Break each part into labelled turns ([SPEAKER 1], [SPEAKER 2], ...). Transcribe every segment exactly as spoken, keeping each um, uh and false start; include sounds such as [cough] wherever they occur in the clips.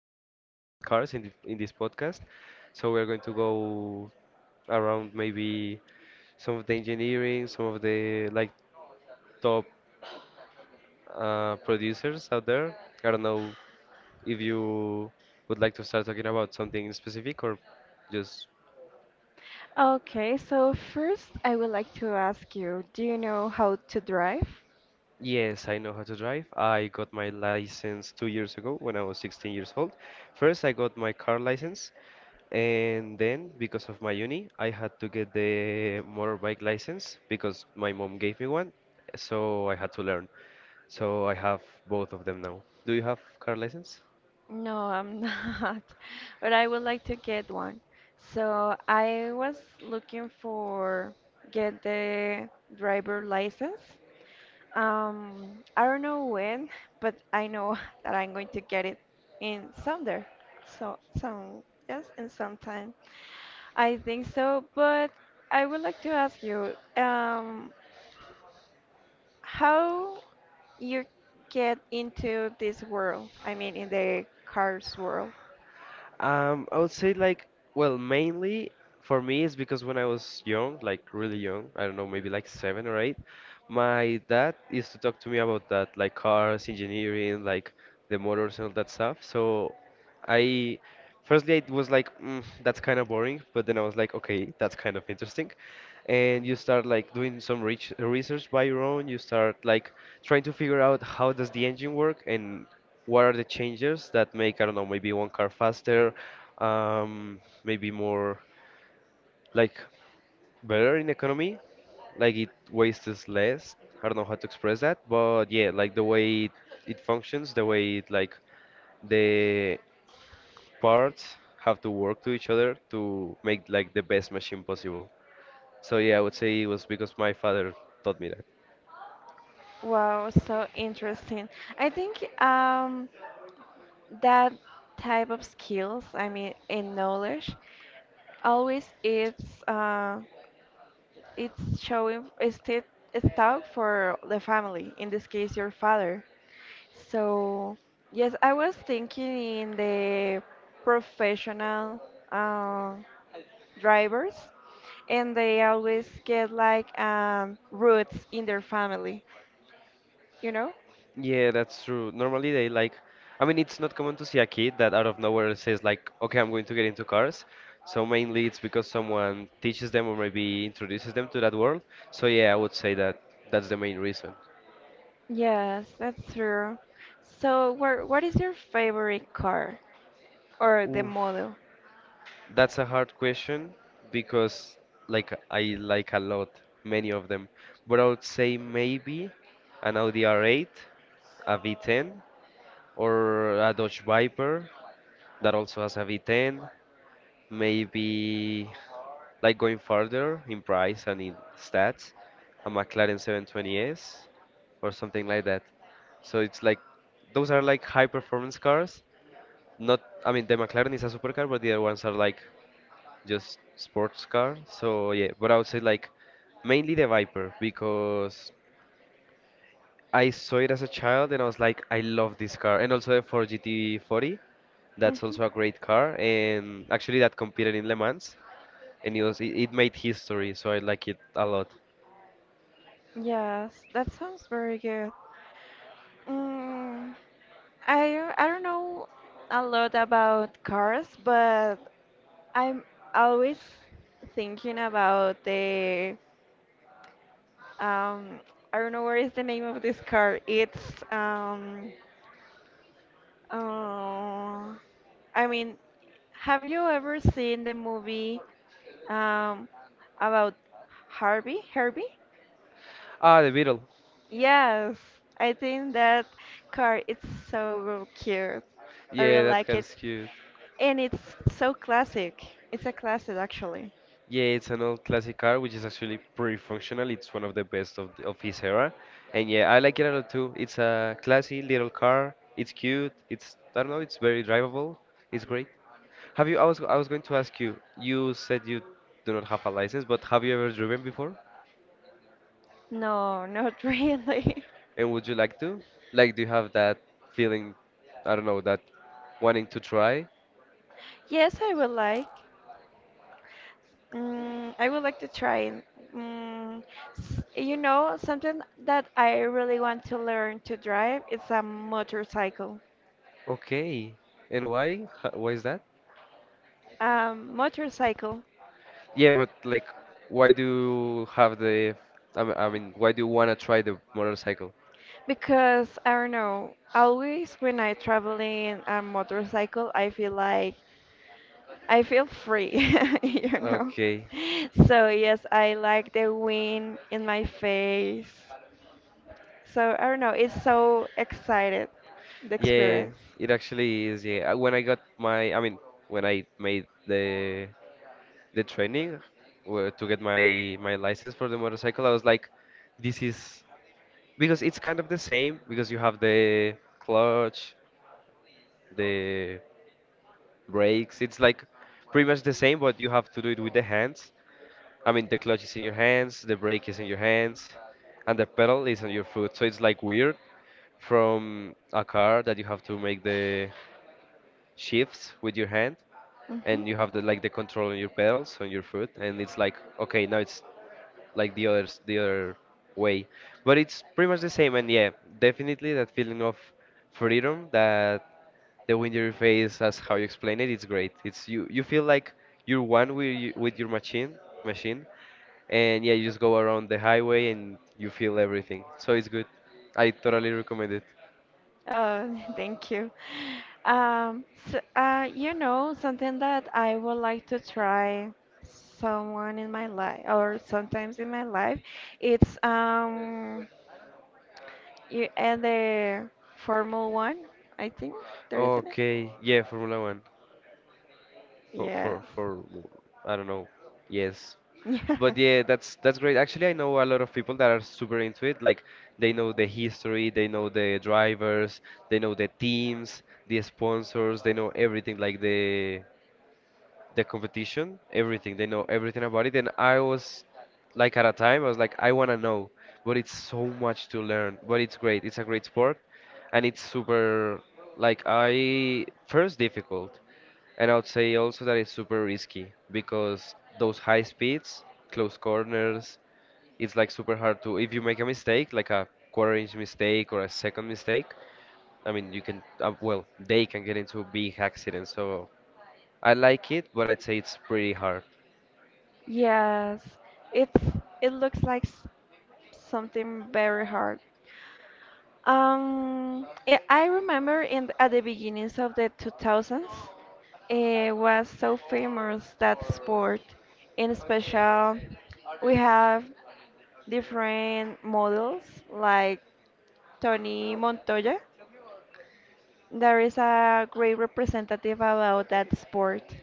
[SPEAKER 1] uh, cars in, the, in this podcast. So we are going to go around maybe some of the engineering, some of the like top uh, producers out there. I don't know if you would like to start talking about something specific or just
[SPEAKER 2] Okay, so first I would like to ask you, do you know how to drive?
[SPEAKER 1] yes, I know how to drive. I got my license two years ago when I was sixteen years old. First, I got my car license. And then, because of my uni, I had to get the motorbike license because my mom gave me one, so I had to learn. So I have both of them now. Do you have car license?
[SPEAKER 2] No, I'm not, [laughs] but I would like to get one. So I was looking for get the driver license. Um, I don't know when, but I know [laughs] that I'm going to get it in someday. So some yes, in some time. I think so, but I would like to ask you, um, how you get into this world? I mean, in the cars world.
[SPEAKER 1] Um, I would say like, well, mainly for me is because when I was young, like really young, I don't know, maybe like seven or eight, my dad used to talk to me about that, like cars, engineering, like the motors and all that stuff. So I, firstly, I was like, mm, that's kind of boring, but then I was like, okay, that's kind of interesting. And you start like doing some reach research by your own, you start like trying to figure out how does the engine work and what are the changes that make, I don't know, maybe one car faster, um, maybe more like better in economy, like it wastes less. I don't know how to express that, but yeah, like the way it, it functions, the way it like the parts have to work to each other to make like the best machine possible. So yeah, I would say it was because my father taught me.
[SPEAKER 2] Wow, so interesting. I think um, that type of skills, I mean, and knowledge, always it's uh, it's showing it's sti- it's talk for the family. In this case, your father. So yes, I was thinking in the professional. uh, drivers and they always get like um, roots in their family, you know?
[SPEAKER 1] Yeah, that's true. Normally they like, I mean, it's not common to see a kid that out of nowhere says like, okay, I'm going to get into cars. So mainly it's because someone teaches them or maybe introduces them to that world. So yeah, I would say that that's the main reason.
[SPEAKER 2] Yes, that's true. So, what what is your favorite car or the
[SPEAKER 1] Oof,
[SPEAKER 2] model?
[SPEAKER 1] that's a hard question because like I like a lot, many of them. But I would say maybe an Audi R eight, a V ten, or a Dodge Viper that also has a V ten. Maybe. Like going further in price and in stats, a McLaren seven twenty S or something like that. So it's like those are like high performance cars. Not, I mean, the McLaren is a supercar, but the other ones are like just sports car. So yeah, but I would say like mainly the Viper because I saw it as a child and I was like, I love this car. And also the Ford G T forty, that's
[SPEAKER 2] Mhm.
[SPEAKER 1] also a great car. And actually, that competed in Le Mans and it was it, it made history, so I like it a lot.
[SPEAKER 2] Yes, that sounds very good. Mm, I I don't know a lot about cars, but I'm always thinking about the um I don't know what is the name of this car. It's um Uh, I mean, have you ever seen the movie um, about Harvey? Herbie?
[SPEAKER 1] Ah, the Beetle.
[SPEAKER 2] Yes, I think that car is so cute. I
[SPEAKER 1] Yeah,
[SPEAKER 2] really
[SPEAKER 1] that
[SPEAKER 2] like it,
[SPEAKER 1] car's cute.
[SPEAKER 2] and it's so classic. It's a classic, actually.
[SPEAKER 1] Yeah, it's an old classic car, which is actually pretty functional. It's one of the best of the, of his era, and yeah, I like it a lot too. It's a classy little car. It's cute. It's I don't know. It's very drivable. It's great. Have you? I was I was going to ask you. You said you do not have a license, but have you ever driven before?
[SPEAKER 2] No, not [laughs] really.
[SPEAKER 1] And would you like to? Like, do you have that feeling? I don't know that wanting to try.
[SPEAKER 2] Yes, I would like. Mm, I would like to try. Mm, s- you know, something that I really want to learn to drive is a motorcycle.
[SPEAKER 1] Okay. And why? Ho- Why is that?
[SPEAKER 2] Um, motorcycle.
[SPEAKER 1] Yeah, but like, why do you have the? I mean, I mean, why do you wanna try the motorcycle?
[SPEAKER 2] Because I don't know, always when I travel in a motorcycle, I feel like I feel free, [laughs] you know.
[SPEAKER 1] Okay.
[SPEAKER 2] So yes, I like the wind in my face. So I don't know, it's so excited, the
[SPEAKER 1] Yeah,
[SPEAKER 2] experience.
[SPEAKER 1] it actually is. Yeah, Uh, when I got my, I mean, when I made the the training where to get my my license for the motorcycle, I was like, this is because it's kind of the same because you have the clutch, the brakes. It's like pretty much the same, but you have to do it with the hands. I mean, the clutch is in your hands, the brake is in your hands, and the pedal is on your foot. So it's like weird from a car that you have to make the shifts with your hand,
[SPEAKER 2] Hmm.
[SPEAKER 1] and you have the like the control on your pedals on your foot, and it's like okay now it's like the other the other way, but it's pretty much the same. And yeah, definitely that feeling of freedom, that the wind in your face as how you explain it, it's great. It's you, you feel like you're one with you, with your machine machine. And yeah, you just go around the highway and you feel everything, so it's good. I totally recommend it.
[SPEAKER 2] Oh, [laughs] thank you. Um, so, uh, you know, something that I would like to try someone in my life or sometimes in my life, it's um you at the Formula One, I think there isn't it?
[SPEAKER 1] Okay, yeah, formula one for
[SPEAKER 2] Yes.
[SPEAKER 1] for for I don't know. Yes.
[SPEAKER 2] [laughs] Yeah.
[SPEAKER 1] But yeah, that's that's great. Actually, I know a lot of people that are super into it. Like they know the history, they know the drivers, they know the teams, the sponsors, they know everything, like the the competition, everything. They know everything about it. And I was like at a time, I was like, I want to know, but it's so much to learn. But it's great. It's a great sport, and it's super like I first difficult, and I would say also that it's super risky because those high speeds, close corners, it's like super hard to if you make a mistake, like a quarter inch mistake or a second mistake. I mean, you can, uh, well, they can get into big accidents. So I like it, but I'd say it's pretty hard.
[SPEAKER 2] Yes. It's it looks like s- something very hard. Um, I I remember in at the beginnings of the two thousands, it was so famous that sport. In special, we have different models like Tony Montoya. There is a great representative about that sport.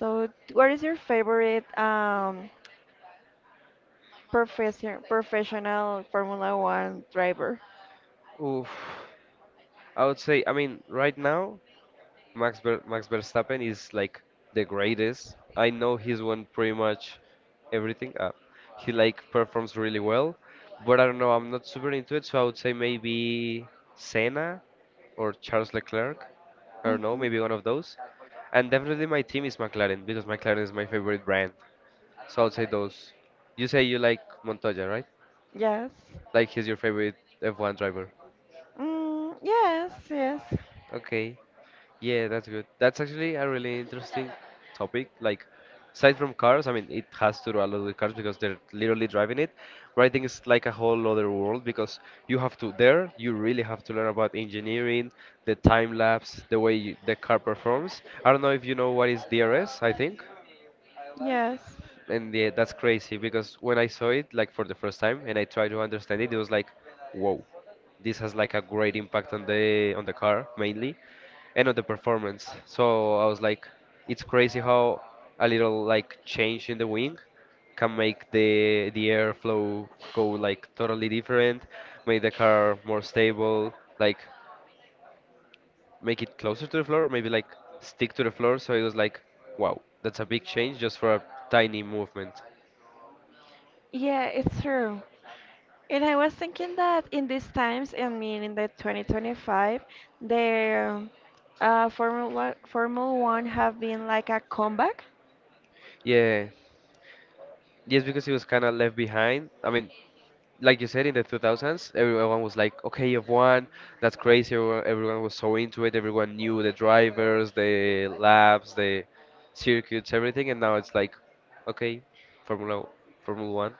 [SPEAKER 2] So, what is your favorite um, profession, professional Formula One driver?
[SPEAKER 1] Oof. I would say, I mean, right now, Max Ver Max Verstappen is like the greatest. I know he's won pretty much everything. Uh, he like performs really well, but I don't know. I'm not super into it, so I would say maybe Senna or Charles Leclerc. I don't know,
[SPEAKER 2] Hmm.
[SPEAKER 1] maybe one of those. And definitely my team is McLaren because McLaren is my favorite brand. So I would say those. You say you like Montoya, right?
[SPEAKER 2] Yes.
[SPEAKER 1] Like he's your favorite F one driver.
[SPEAKER 2] Mm, yes, yes.
[SPEAKER 1] Okay. Yeah, that's good. That's actually a really interesting topic. Like, aside from cars, I mean, it has to do a lot with cars because they're literally driving it. Writing is like a whole other world because you have to, there, you really have to learn about engineering, the time lapse, the way you, the car performs. I don't know if you know what is D R S, I think.
[SPEAKER 2] Yes.
[SPEAKER 1] And yeah, that's crazy because when I saw it like for the first time and I tried to understand it, it was like, whoa, this has like a great impact on the on the car mainly and on the performance. So I was like, it's crazy how a little like change in the wing can make the the airflow go like totally different, make the car more stable, like make it closer to the floor, maybe like stick to the floor. So it was like, wow, that's a big change just for a tiny movement.
[SPEAKER 2] Yeah, it's true. And I was thinking that in these times, I mean in the twenty twenty-five, the uh, Formula Formula One have been like a comeback.
[SPEAKER 1] Yeah, yes, because it was kind of left behind. I mean, like you said, in the two thousands, everyone was like, okay, F one, that's crazy. Everyone, everyone was so into it. Everyone knew the drivers, the laps, the circuits, everything. And now it's like, okay, Formula Formula One.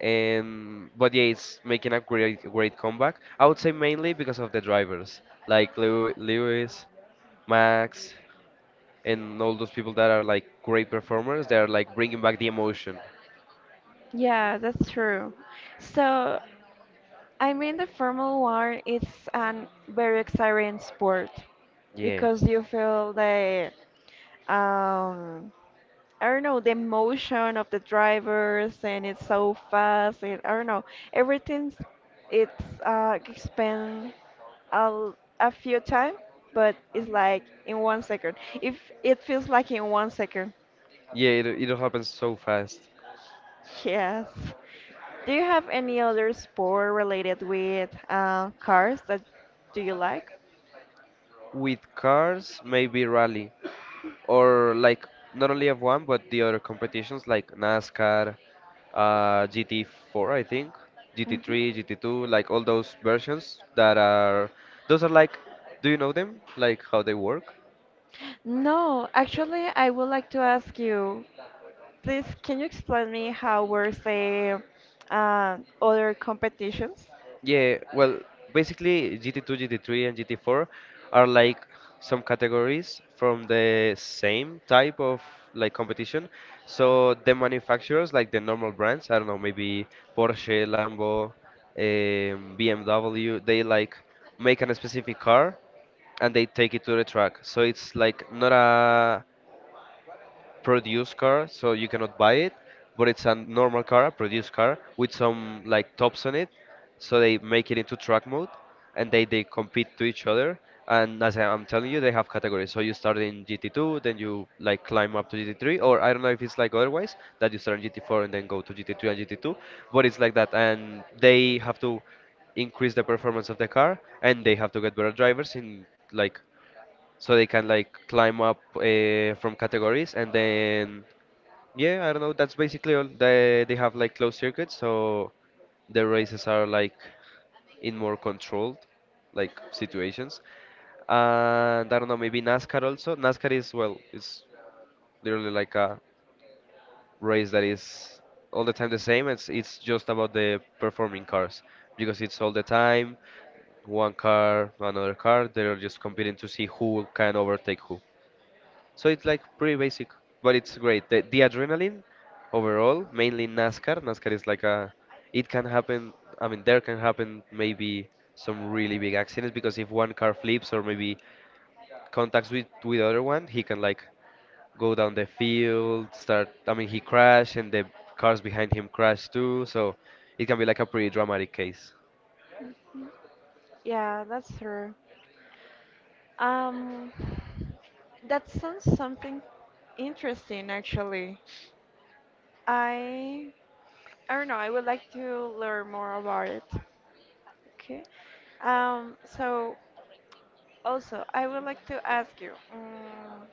[SPEAKER 1] And but yeah, it's making a great great comeback. I would say mainly because of the drivers, like Lew- Lewis, Max, and all those people that are like great performers. They are like bringing back the emotion.
[SPEAKER 2] Yeah, that's true. So, I mean the Formula One is an very exciting sport
[SPEAKER 1] Yeah.
[SPEAKER 2] because you feel the um I don't know, the motion of the drivers and it's so fast and I don't know, everything's it's uh expand a, l- a few time, but it's like in one second. If it feels like in one second.
[SPEAKER 1] Yeah, it, it happens so fast.
[SPEAKER 2] Yes. Do you have any other sport related with uh, cars that do you like?
[SPEAKER 1] With cars, maybe rally, or like not only F one but the other competitions like NASCAR, uh, G T four, I think, G T three,
[SPEAKER 2] Hmm.
[SPEAKER 1] G T two, like all those versions that are. Those are like, do you know them? Like how they work?
[SPEAKER 2] No, actually, I would like to ask you, please, can you explain me how were the uh, other competitions?
[SPEAKER 1] Yeah, well, basically G T two, G T three, and G T four are like some categories from the same type of like competition. So the manufacturers, like the normal brands, I don't know, maybe Porsche, Lambo, um, B M W, they like make an specific car and they take it to the track. So it's like not a produced car, so you cannot buy it, but it's a normal car, a produced car with some like tops on it, so they make it into track mode, and they they compete to each other. And as I- I'm telling you, they have categories. So you start in G T two, then you like climb up to G T three, or I don't know if it's like otherwise that you start in G T four and then go to G T three and G T two, but it's like that, and they have to increase the performance of the car, and they have to get better drivers in like so they can like climb up uh, from categories and then yeah, I don't know, that's basically all. They they have like closed circuits, so the races are like in more controlled like situations. And I don't know, maybe NASCAR. Also NASCAR is, well, it's literally like a race that is all the time the same. It's it's just about the performing cars because it's all the time one car, another car, they're just competing to see who can overtake who. So it's like pretty basic, but it's great. The, the adrenaline overall, mainly in NASCAR. NASCAR is like a, it can happen. I mean, there can happen maybe some really big accidents because if one car flips or maybe contacts with with other one, he can like go down the field, start. I mean, he crash and the cars behind him crash too. So it can be like a pretty dramatic case.
[SPEAKER 2] Yeah, that's true. Um, that sounds something interesting, actually. I I don't know. I would like to learn more about it. Okay. Um, so also, I would like to ask you um,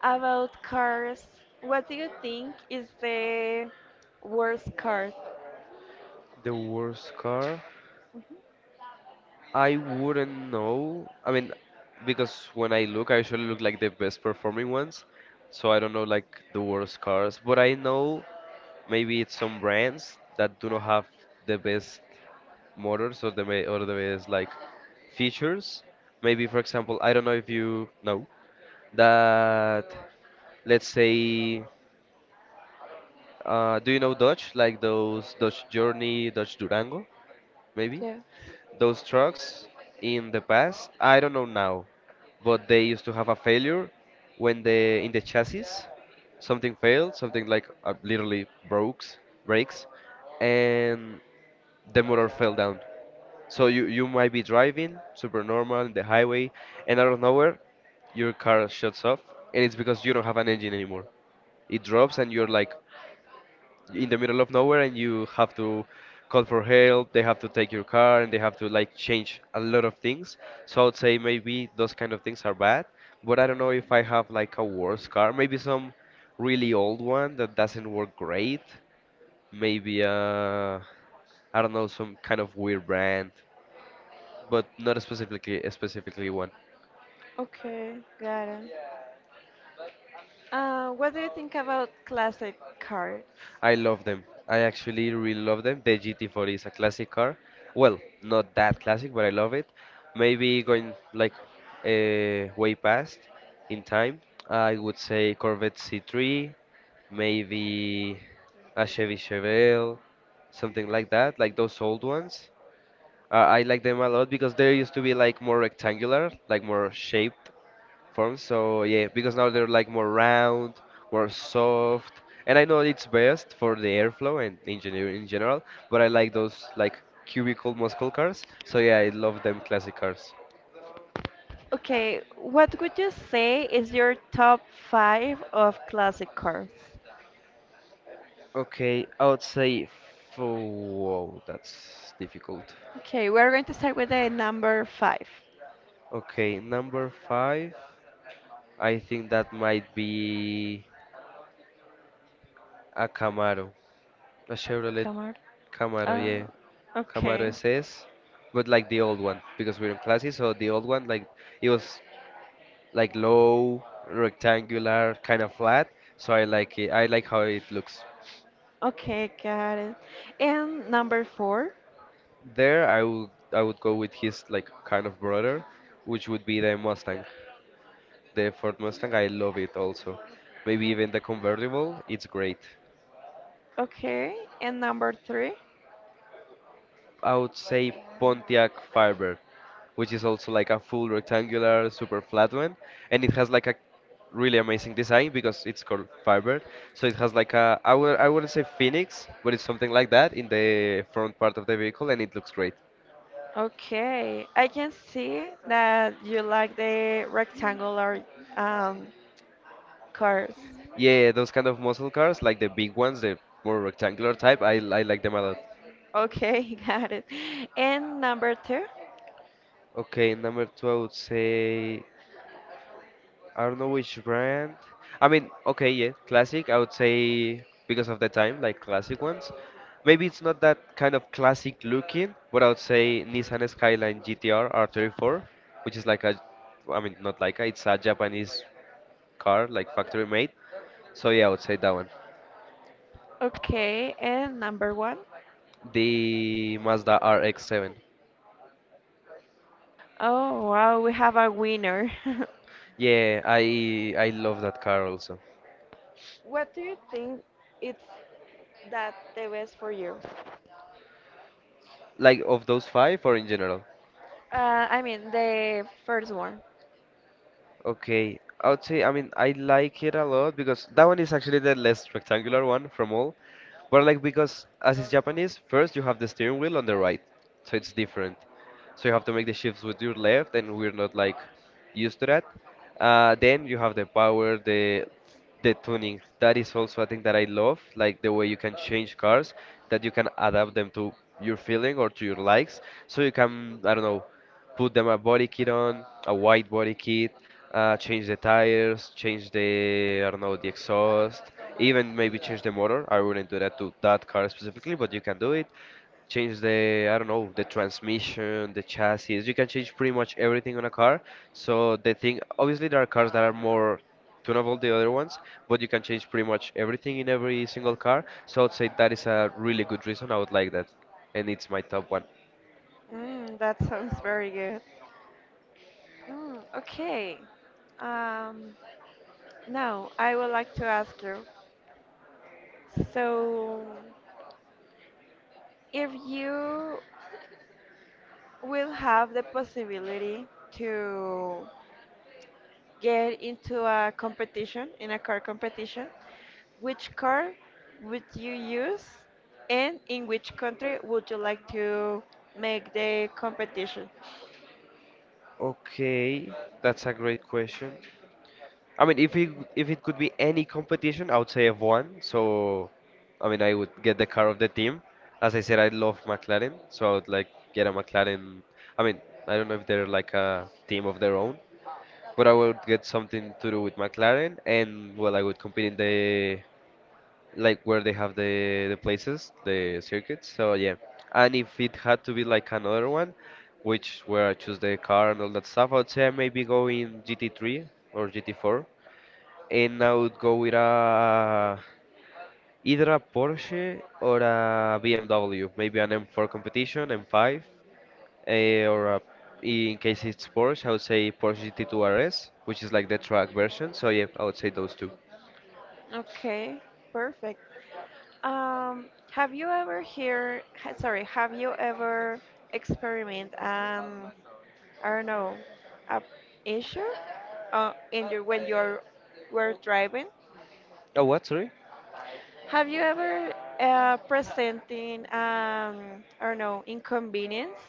[SPEAKER 2] about cars. What do you think is the worst car?
[SPEAKER 1] The worst car.
[SPEAKER 2] Mhm.
[SPEAKER 1] I wouldn't know. I mean, because when I look, I usually look like the best performing ones, so I don't know like the worst cars. But I know maybe it's some brands that do not have the best motors or the ma- or the best like features. Maybe for example, I don't know if you know that. Let's say, uh, do you know Dodge? Like those Dodge Journey, Dodge Durango, maybe?
[SPEAKER 2] Yes.
[SPEAKER 1] Those trucks in the past, I don't know now, but they used to have a failure when the in the chassis something failed, something like uh, literally breaks, breaks, and the motor fell down. So you you might be driving super normal in the highway, and out of nowhere, your car shuts off, and it's because you don't have an engine anymore. It drops, and you're like, in the middle of nowhere and you have to call for help. They have to take your car and they have to like change a lot of things. So I would say maybe those kind of things are bad, but I don't know if I have like a worse car. Maybe some really old one that doesn't work great, maybe uh I don't know, some kind of weird brand, but not specifically specifically one.
[SPEAKER 2] Okay, got it. Uh, what do you think about classic cars?
[SPEAKER 1] I love them. I actually really love them. The gt four is a classic car. Well, not that classic, but I love it. Maybe going like uh, way past in time, I would say Corvette C three, maybe a Chevy Chevelle, something like that, like those old ones. Uh, I like them a lot because they used to be like more rectangular, like more shaped forms. So yeah, because now they're like more round, more soft, and I know it's best for the airflow and engineering in general. But I like those like cubicle muscle cars. So yeah, I love them classic cars.
[SPEAKER 2] Okay, what would you say is your top five of classic cars?
[SPEAKER 1] Okay, I would say whoa, that's difficult.
[SPEAKER 2] Okay, we're going to start with the number five.
[SPEAKER 1] Okay, number five. I think that might be a Camaro, a Chevrolet
[SPEAKER 2] Come on.
[SPEAKER 1] Camaro.
[SPEAKER 2] Uh,
[SPEAKER 1] Yeah, Camaro
[SPEAKER 2] okay.
[SPEAKER 1] S S, but like the old one because we're in classic, so the old one, like it was like low, rectangular, kind of flat. So I like it. I like how it looks.
[SPEAKER 2] Okay, got it. And number four.
[SPEAKER 1] There, I would I would go with his like kind of brother, which would be the Mustang. The Ford Mustang, I love it also. Maybe
[SPEAKER 2] Mm,
[SPEAKER 1] even the convertible, it's great.
[SPEAKER 2] Okay, and number three.
[SPEAKER 1] I would say Pontiac Firebird, which is also like a full rectangular, super flat one, and it has like a really amazing design because it's called Firebird. So it has like a I would I wouldn't say Phoenix, but it's something like that in the front part of the vehicle, and it looks great.
[SPEAKER 2] Okay, I can see that you like the rectangular um, cars.
[SPEAKER 1] Yeah, those kind of muscle cars, like the big ones, the more rectangular type, I I like them a lot.
[SPEAKER 2] Okay, [laughs] got it. And number two?
[SPEAKER 1] Okay, number two, I would say I don't know which brand. I mean, okay, yeah, classic. I would say because of the time, like classic ones. Maybe it's not that kind of classic looking, but I would say Nissan Skyline G T R R thirty-four, which is like a, I mean, not like a, it's a Japanese car, like factory made. So yeah, I would say that one.
[SPEAKER 2] Okay, and number one?
[SPEAKER 1] The Mazda R X seven.
[SPEAKER 2] Oh, wow, we have a winner. [laughs]
[SPEAKER 1] Yeah, I I love that car also.
[SPEAKER 2] What do you think it's that the best for you?
[SPEAKER 1] Like of those five or in general?
[SPEAKER 2] Uh, I mean, the first one.
[SPEAKER 1] Okay, I would say, I mean, I like it a lot because that one is actually the less rectangular one from all. But I like because as it's Japanese, first you have the steering wheel on the right, so it's different, so you have to make the shifts with your left, and we're not like used to that. Uh, then you have the power, the the tuning. That is also a thing that I love, like the way you can change cars, that you can adapt them to your feeling or to your likes. So you can, I don't know, put them a body kit on, a white body kit, uh, change the tires, change the, I don't know, the exhaust, even maybe change the motor. I wouldn't do that to that car specifically, but you can do it, change the, I don't know, the transmission, the chassis. You can change pretty much everything on a car. So the thing, obviously, there are cars that are more tunable than the other ones, but you can change pretty much everything in every single car. So I'd say that is a really good reason. I would like that, and it's my top one.
[SPEAKER 2] Mm, that sounds very good. Mm, okay. Um, Now, I would like to ask you. So, if you will have the possibility to get into a competition, in a car competition, which car would you use and in which country would you like to make the competition?
[SPEAKER 1] Okay, that's a great question. I mean, if it if it could be any competition, I would say F one. So, I mean, I would get the car of the team. As I said, I love McLaren, so I would like get a McLaren. I mean, I don't know if they're like a team of their own, but I would get something to do with McLaren, and well, I would compete in the like where they have the the places, the circuits. So yeah, and if it had to be like another one, which where I choose the car and all that stuff, I would say I maybe go in G T three or G T four and I would go with a either a Porsche or a B M W, maybe an M four competition, M five, eh, or a, in case it's Porsche, I would say Porsche G T two R S, which is like the track version. So yeah, I would say those two.
[SPEAKER 2] Okay, perfect. Um, have you ever hear, ha- Sorry, have you ever experiment um, I don't know, a issue uh, in your when you're were driving?
[SPEAKER 1] Oh, what? Sorry.
[SPEAKER 2] Have you ever uh, presenting um I don't know inconvenience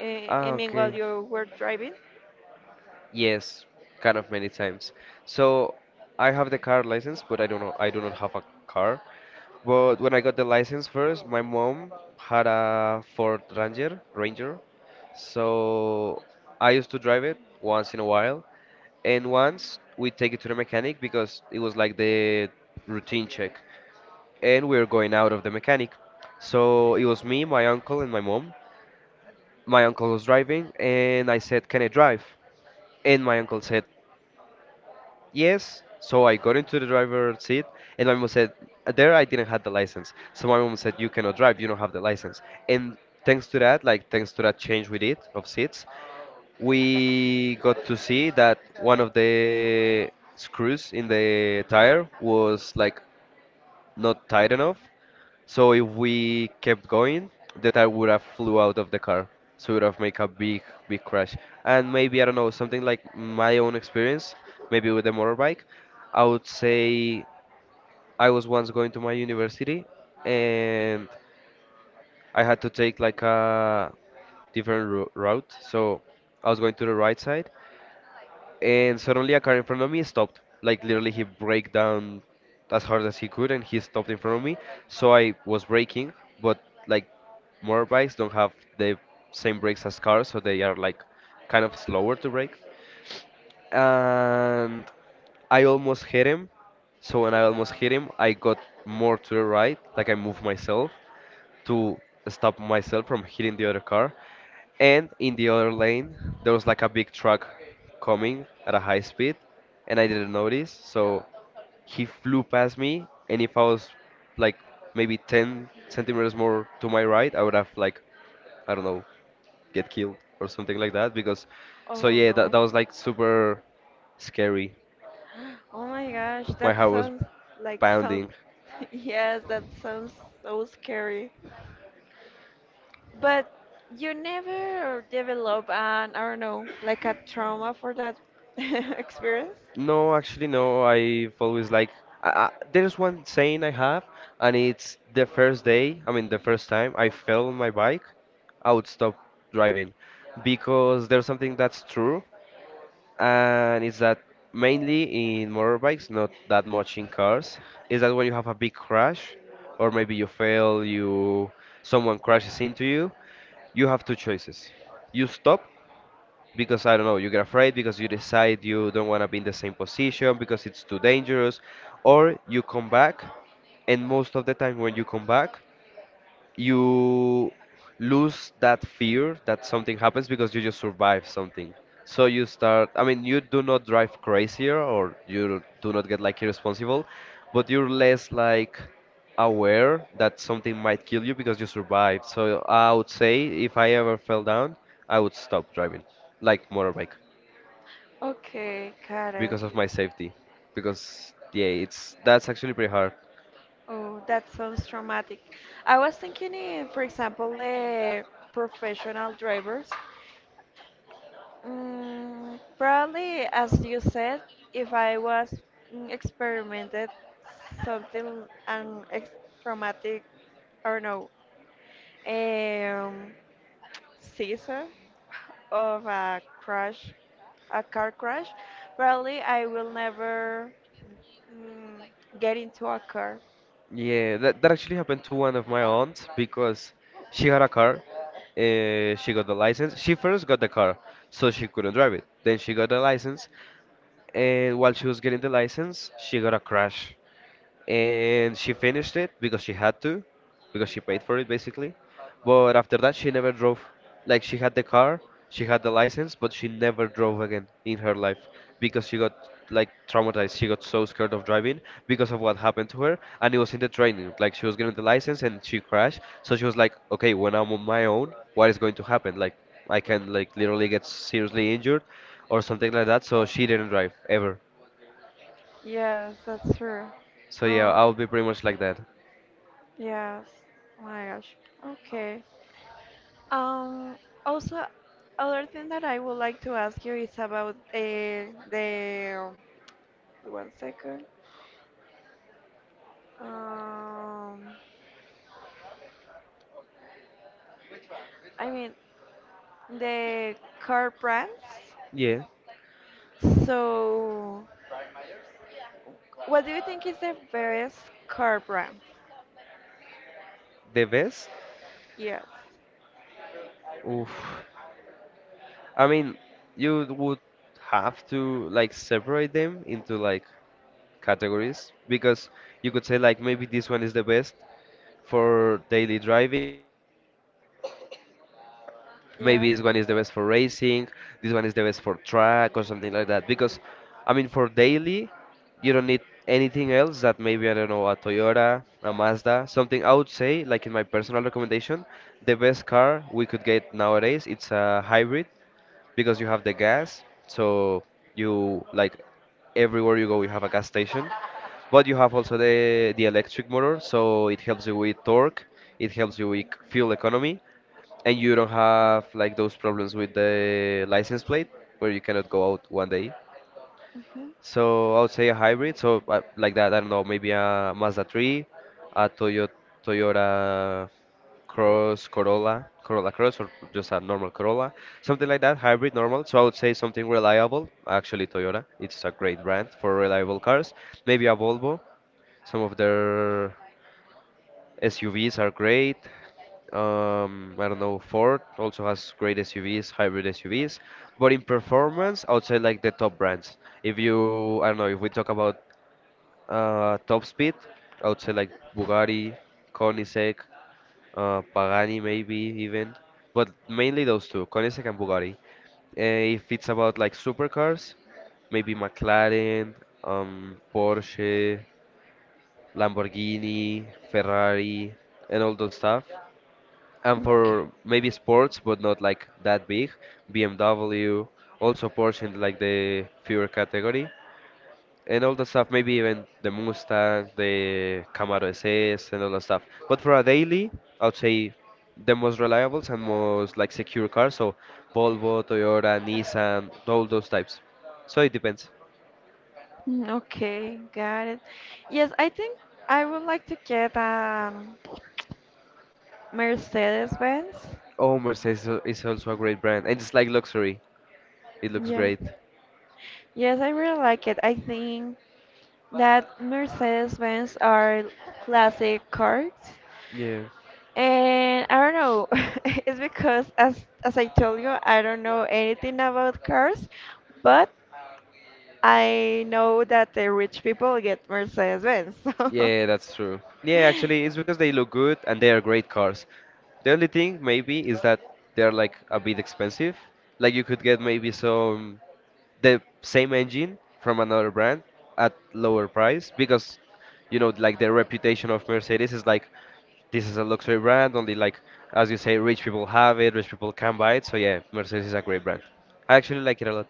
[SPEAKER 2] in,
[SPEAKER 1] Ah,
[SPEAKER 2] in mean while
[SPEAKER 1] okay.
[SPEAKER 2] you were driving?
[SPEAKER 1] Yes, kind of many times. So I have the car license, but I don't know. I do not have a car. But when I got the license first, my mom had a Ford Ranger, Ranger, so I used to drive it once in a while, and once we take it to the mechanic because it was like the routine check, and we were going out of the mechanic. So it was me, my uncle, and my mom. My uncle was driving, and I said, "Can I drive?" And my uncle said, yes, so I got into the driver's seat, and my mom said, uh, there I didn't have the license. So my mom said, you cannot drive, you don't have the license. And thanks to that, like thanks to that change we did of seats, we got to see that one of the screws in the tire was like not tight enough. So if we kept going, the tire would have flew out of the car. So it would have made a big, big crash. And maybe, I don't know, something like my own experience, maybe with the motorbike, I would say I was once going to my university and I had to take like a different ro route. So I was going to the right side and suddenly a car in front of me stopped. Like literally he braked down as hard as he could and he stopped in front of me. So I was braking, but like motorbikes don't have the same brakes as cars, so they are like kind of slower to brake. And I almost hit him. So when I almost hit him, I got more to the right, like I moved myself to stop myself from hitting the other car. And in the other lane, there was like a big truck coming at a high speed, and I didn't notice. So he flew past me, and if I was like maybe ten centimeters more to my right, I would have like, I don't know, get killed or something like that. Because, so
[SPEAKER 2] Oh
[SPEAKER 1] yeah, that,
[SPEAKER 2] no.
[SPEAKER 1] that was like super scary.
[SPEAKER 2] [gasps] Oh my gosh,
[SPEAKER 1] My
[SPEAKER 2] that
[SPEAKER 1] heart was
[SPEAKER 2] sounds, like, so,
[SPEAKER 1] pounding.
[SPEAKER 2] [laughs] yes, that sounds so scary. But you never develop an, I don't know, like a trauma for that [laughs] experience?
[SPEAKER 1] No, actually, no. I've always like I, I, there's one saying I have, and it's the first day. I mean, the first time I fell on my bike, I would stop driving because there's something that's true, and it's that mainly in motorbikes, not that much in cars, is that when you have a big crash, or maybe you fail, you someone crashes into you, you have two choices. You stop because I don't know, you get afraid because you decide you don't want to be in the same position because it's too dangerous, or you come back, and most of the time when you come back, you lose that fear that something happens because you just survive something. So you start, I mean, you do not drive crazier or you do not get like irresponsible, but you're less like aware that something might kill you because you survived. So I would say if I ever fell down, I would stop driving, like motorbike,
[SPEAKER 2] Okay, got it.
[SPEAKER 1] because of my safety. Because yeah, it's that's actually pretty hard.
[SPEAKER 2] Oh, that sounds traumatic. I was thinking if, for example, the professional drivers. Mm, probably, as you said, if I was mm, experimented something an ex traumatic or no, um, season of a crash, a car crash, probably I will never mm, get into a car.
[SPEAKER 1] Yeah, that, that actually happened to one of my aunts because she had a car. Uh, she got the license. She first got the car, so she couldn't drive it. Then she got the license, and while she was getting the license, she got a crash and she finished it because she had to, because she paid for it basically. But after that she never drove. Like, she had the car, she had the license, but she never drove again in her life because she got like traumatized. She got so scared of driving because of what happened to her. And it was in the training, like she was getting the license and she crashed, so she was like, okay, when I'm on my own, what is going to happen? Like, I can like literally get seriously injured or something like that. So she didn't drive ever.
[SPEAKER 2] Yes, that's true.
[SPEAKER 1] So yeah, I
[SPEAKER 2] Um,
[SPEAKER 1] would be pretty much like that.
[SPEAKER 2] Yes. Oh my gosh. Okay. Um, Also, other thing that I would like to ask you is about uh, the one second. Um, I mean the car brands.
[SPEAKER 1] Yeah.
[SPEAKER 2] So, what do you think is the best car brand?
[SPEAKER 1] The best?
[SPEAKER 2] Yes.
[SPEAKER 1] Oof. I mean, you would have to like separate them into like categories, because you could say like maybe this one is the best for daily driving,
[SPEAKER 2] Yeah.
[SPEAKER 1] maybe this one is the best for racing, this one is the best for track or something like that. Because I mean, for daily, you don't need anything else that, maybe I don't know, a Toyota, a Mazda, something. I would say like, in my personal recommendation, the best car we could get nowadays it's a hybrid because you have the gas. So you like, everywhere you go, you have a gas station. But you have also the the electric motor, so it helps you with torque, it helps you with fuel economy, and you don't have like those problems with the license plate where you cannot go out one day.
[SPEAKER 2] Mm-hmm.
[SPEAKER 1] So I would say a hybrid. So uh, like that, I don't know, maybe a Mazda 3, a Toyota Toyota Cross Corolla, Corolla Cross, or just a normal Corolla, something like that, hybrid, normal. So I would say something reliable. Actually, Toyota, it's a great brand for reliable cars. Maybe a Volvo, some of their S U Vs are great. Um, I don't know, Ford also has great S U Vs, hybrid S U Vs, but in performance, I would say like the top brands. If you, I don't know, if we talk about uh, top speed, I would say like Bugatti, Koenigsegg, uh, Pagani maybe even, but mainly those two, Koenigsegg and Bugatti. Uh, if it's about like supercars, maybe McLaren, um, Porsche, Lamborghini, Ferrari, and all those stuff, and
[SPEAKER 2] Okay.
[SPEAKER 1] for maybe sports, but not like that big. B M W, also Porsche in like the fewer category, and all the stuff. Maybe even the Mustang, the Camaro S S, and all that stuff. But for a daily, I would say the most reliable and most like secure cars. So Volvo, Toyota, Nissan, all those types. So it depends.
[SPEAKER 2] Mm, okay, got it. Yes, I think I would like to get a Mercedes-Benz.
[SPEAKER 1] Oh, Mercedes is also a great brand, and it's like luxury. It looks
[SPEAKER 2] Yes.
[SPEAKER 1] great.
[SPEAKER 2] Yes, I really like it. I think that Mercedes-Benz are classic cars.
[SPEAKER 1] Yeah.
[SPEAKER 2] And I don't know, [laughs] it's because as as I told you, I don't know anything about cars, but I know that the rich people get Mercedes-Benz. [laughs] So.
[SPEAKER 1] Yeah, that's true. Yeah, actually, it's because they look good and they are great cars. The only thing maybe is that they're like a bit expensive. Like, you could get maybe some the same engine from another brand at lower price, because you know like the reputation of Mercedes is like, this is a luxury brand, only, like as you say, rich people have it, rich people can buy it. So yeah, Mercedes is a great brand. I actually like it a lot.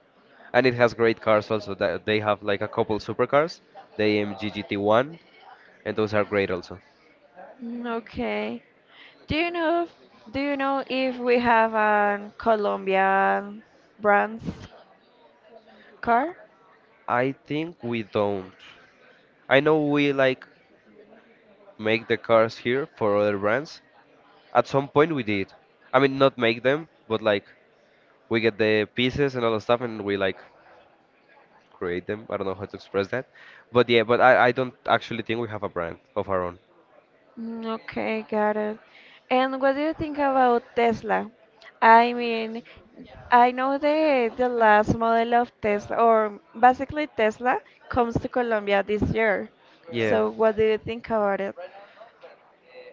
[SPEAKER 1] And it has great cars also. that- They have like a couple supercars, the A M G G T one, and those are great also.
[SPEAKER 2] Mm, okay. Do you know do you know if we have a Colombian brand's car?
[SPEAKER 1] I think we don't. I know we like make the cars here for other brands. At some point we did. I mean, not make them, but like we get the pieces and all the stuff and we like create them. I don't know how to express that. But yeah, but I, I don't actually think we have a brand of our own.
[SPEAKER 2] Mm, okay, got it. And what do you think about Tesla? I mean, I know the the last model of Tesla, or basically Tesla, comes to Colombia this year.
[SPEAKER 1] Yeah.
[SPEAKER 2] So what do you think about it?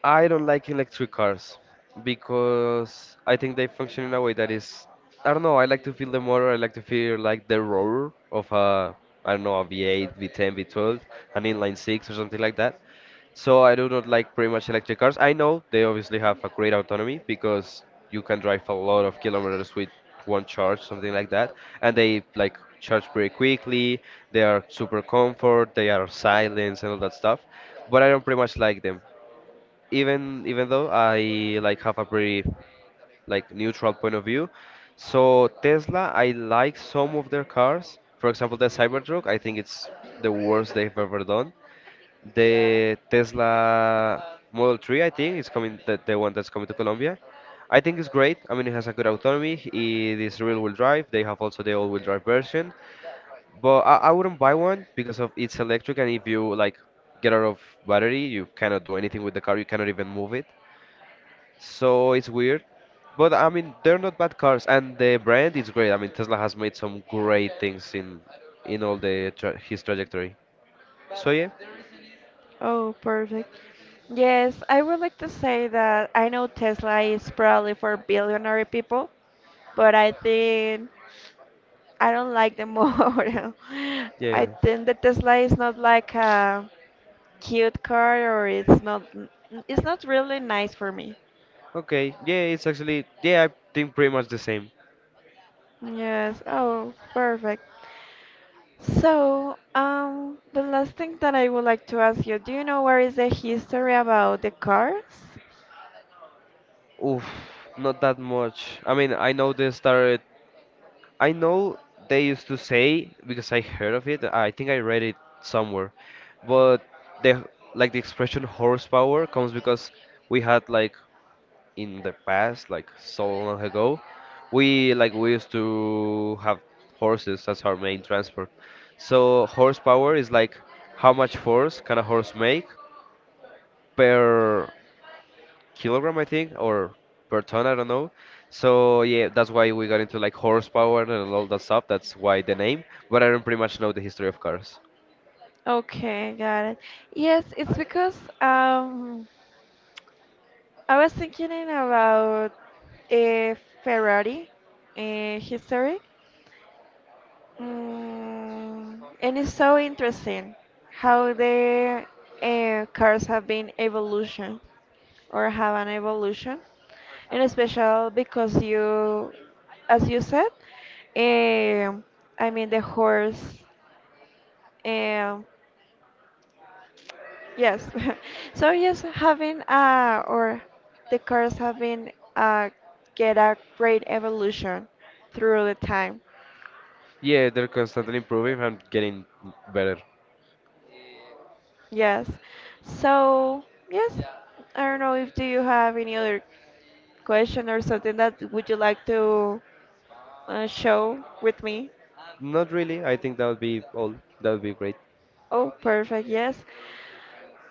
[SPEAKER 1] I don't like electric cars because I think they function in a way that is, I don't know, I like to feel the motor, I like to feel like the roar of a, I don't know, a V eight, V ten, V twelve, an inline six or something like that. So I do not like pretty much electric cars. I know they obviously have a great autonomy because you can drive a lot of kilometers with one charge, something like that, and they like charge pretty quickly. They are super comfort, they are silence and all that stuff. But I don't pretty much like them, even even though I like have a pretty like neutral point of view. So Tesla, I like some of their cars. For example, the Cybertruck, I think it's the worst they've ever done. The Tesla Model 3, I think, is coming, the, the one that's coming to Colombia. I think it's great. I mean, it has a good autonomy. It is rear-wheel drive. They have also the all-wheel drive version, but I, I wouldn't buy one because of it's electric, and if you like get out of battery, you cannot do anything with the car. You cannot even move it. So it's weird. But I mean, they're not bad cars, and the brand is great. I mean, Tesla has made some great things in in all the tra his trajectory. So yeah,
[SPEAKER 2] Oh, perfect. Yes, I would like to say that I know Tesla is probably for billionaire people, but I think I don't like the [laughs] model. I
[SPEAKER 1] yeah,
[SPEAKER 2] think the Tesla is not like a cute car, or it's not. It's not really nice for me.
[SPEAKER 1] okay, yeah. It's actually, yeah, I think pretty much the same.
[SPEAKER 2] Yes. Oh, perfect. So, um, the last thing that I would like to ask you, do you know where is the history about the cars?
[SPEAKER 1] Oof, not that much. I mean, I know they started. I know they used to say, because I heard of it, I think I read it somewhere, but the like the expression horsepower comes because we had like, in the past, like so long ago, we like we used to have horses as our main transport. So horsepower is like how much force can a horse make per kilogram, I think, or per ton, I don't know. So yeah, that's why we got into like horsepower and all that stuff. That's why the name. But I don't pretty much know the history of cars.
[SPEAKER 2] Okay, got it. Yes, it's because um, I was thinking about uh, Ferrari uh, history. Mm, and it's so interesting how the uh, cars have been evolution or have an evolution, and especially because you, as you said, um I mean the horse, um, yes. [laughs] So yes, having uh, or the cars have been uh, get a great evolution through the time.
[SPEAKER 1] Yeah, they're constantly improving and getting better.
[SPEAKER 2] Yes. So, yes, I don't know if do you have any other question or something that would you like to uh, show with me?
[SPEAKER 1] Not really. I think that would be all. That would be great.
[SPEAKER 2] Oh, perfect. Yes.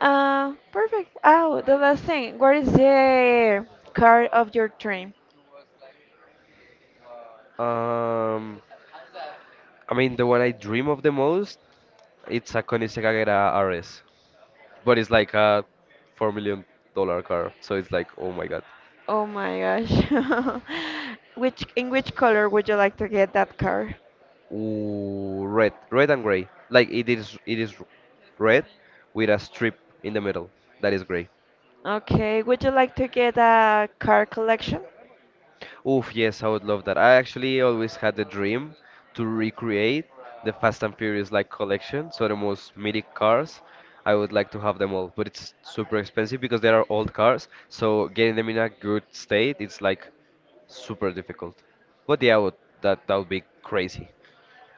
[SPEAKER 2] Uh, perfect. Oh, the last thing. What is the car of your dream?
[SPEAKER 1] Um, I mean, the one I dream of the most, it's a Koenigsegg Agera R S, but it's like a four million dollar car, so it's like, oh my God.
[SPEAKER 2] Oh my gosh. [laughs] Which in which color would you like to get that car?
[SPEAKER 1] Ooh, red, red and gray. Like, it is, it is red with a strip in the middle that is gray.
[SPEAKER 2] Okay, would you like to get a car collection?
[SPEAKER 1] Oof, yes, I would love that. I actually always had the dream to recreate the Fast and Furious like collection, so the most mythic cars. I would like to have them all, but it's super expensive because they are old cars. So getting them in a good state, it's like super difficult. But yeah, would, that that would be crazy.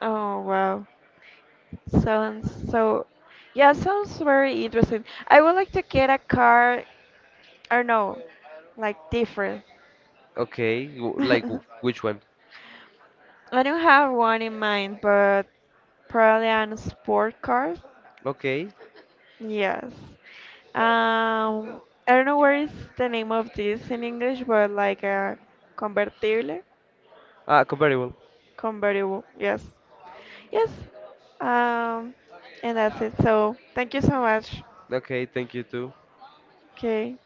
[SPEAKER 2] Oh wow. Sounds so, yeah, sounds very interesting. I would like to get a car, I don't know, like different.
[SPEAKER 1] Okay,
[SPEAKER 2] [laughs]
[SPEAKER 1] w-
[SPEAKER 2] I
[SPEAKER 1] like w- which one?
[SPEAKER 2] don't have one in mind, but probably an sport car.
[SPEAKER 1] Okay,
[SPEAKER 2] Yes. Um, I don't know where is the name of this in English, but like a convertible,
[SPEAKER 1] ah, comparable.
[SPEAKER 2] convertible. Yes. Yes. Um, and that's it. So thank you so much.
[SPEAKER 1] Okay, thank you too.
[SPEAKER 2] Okay.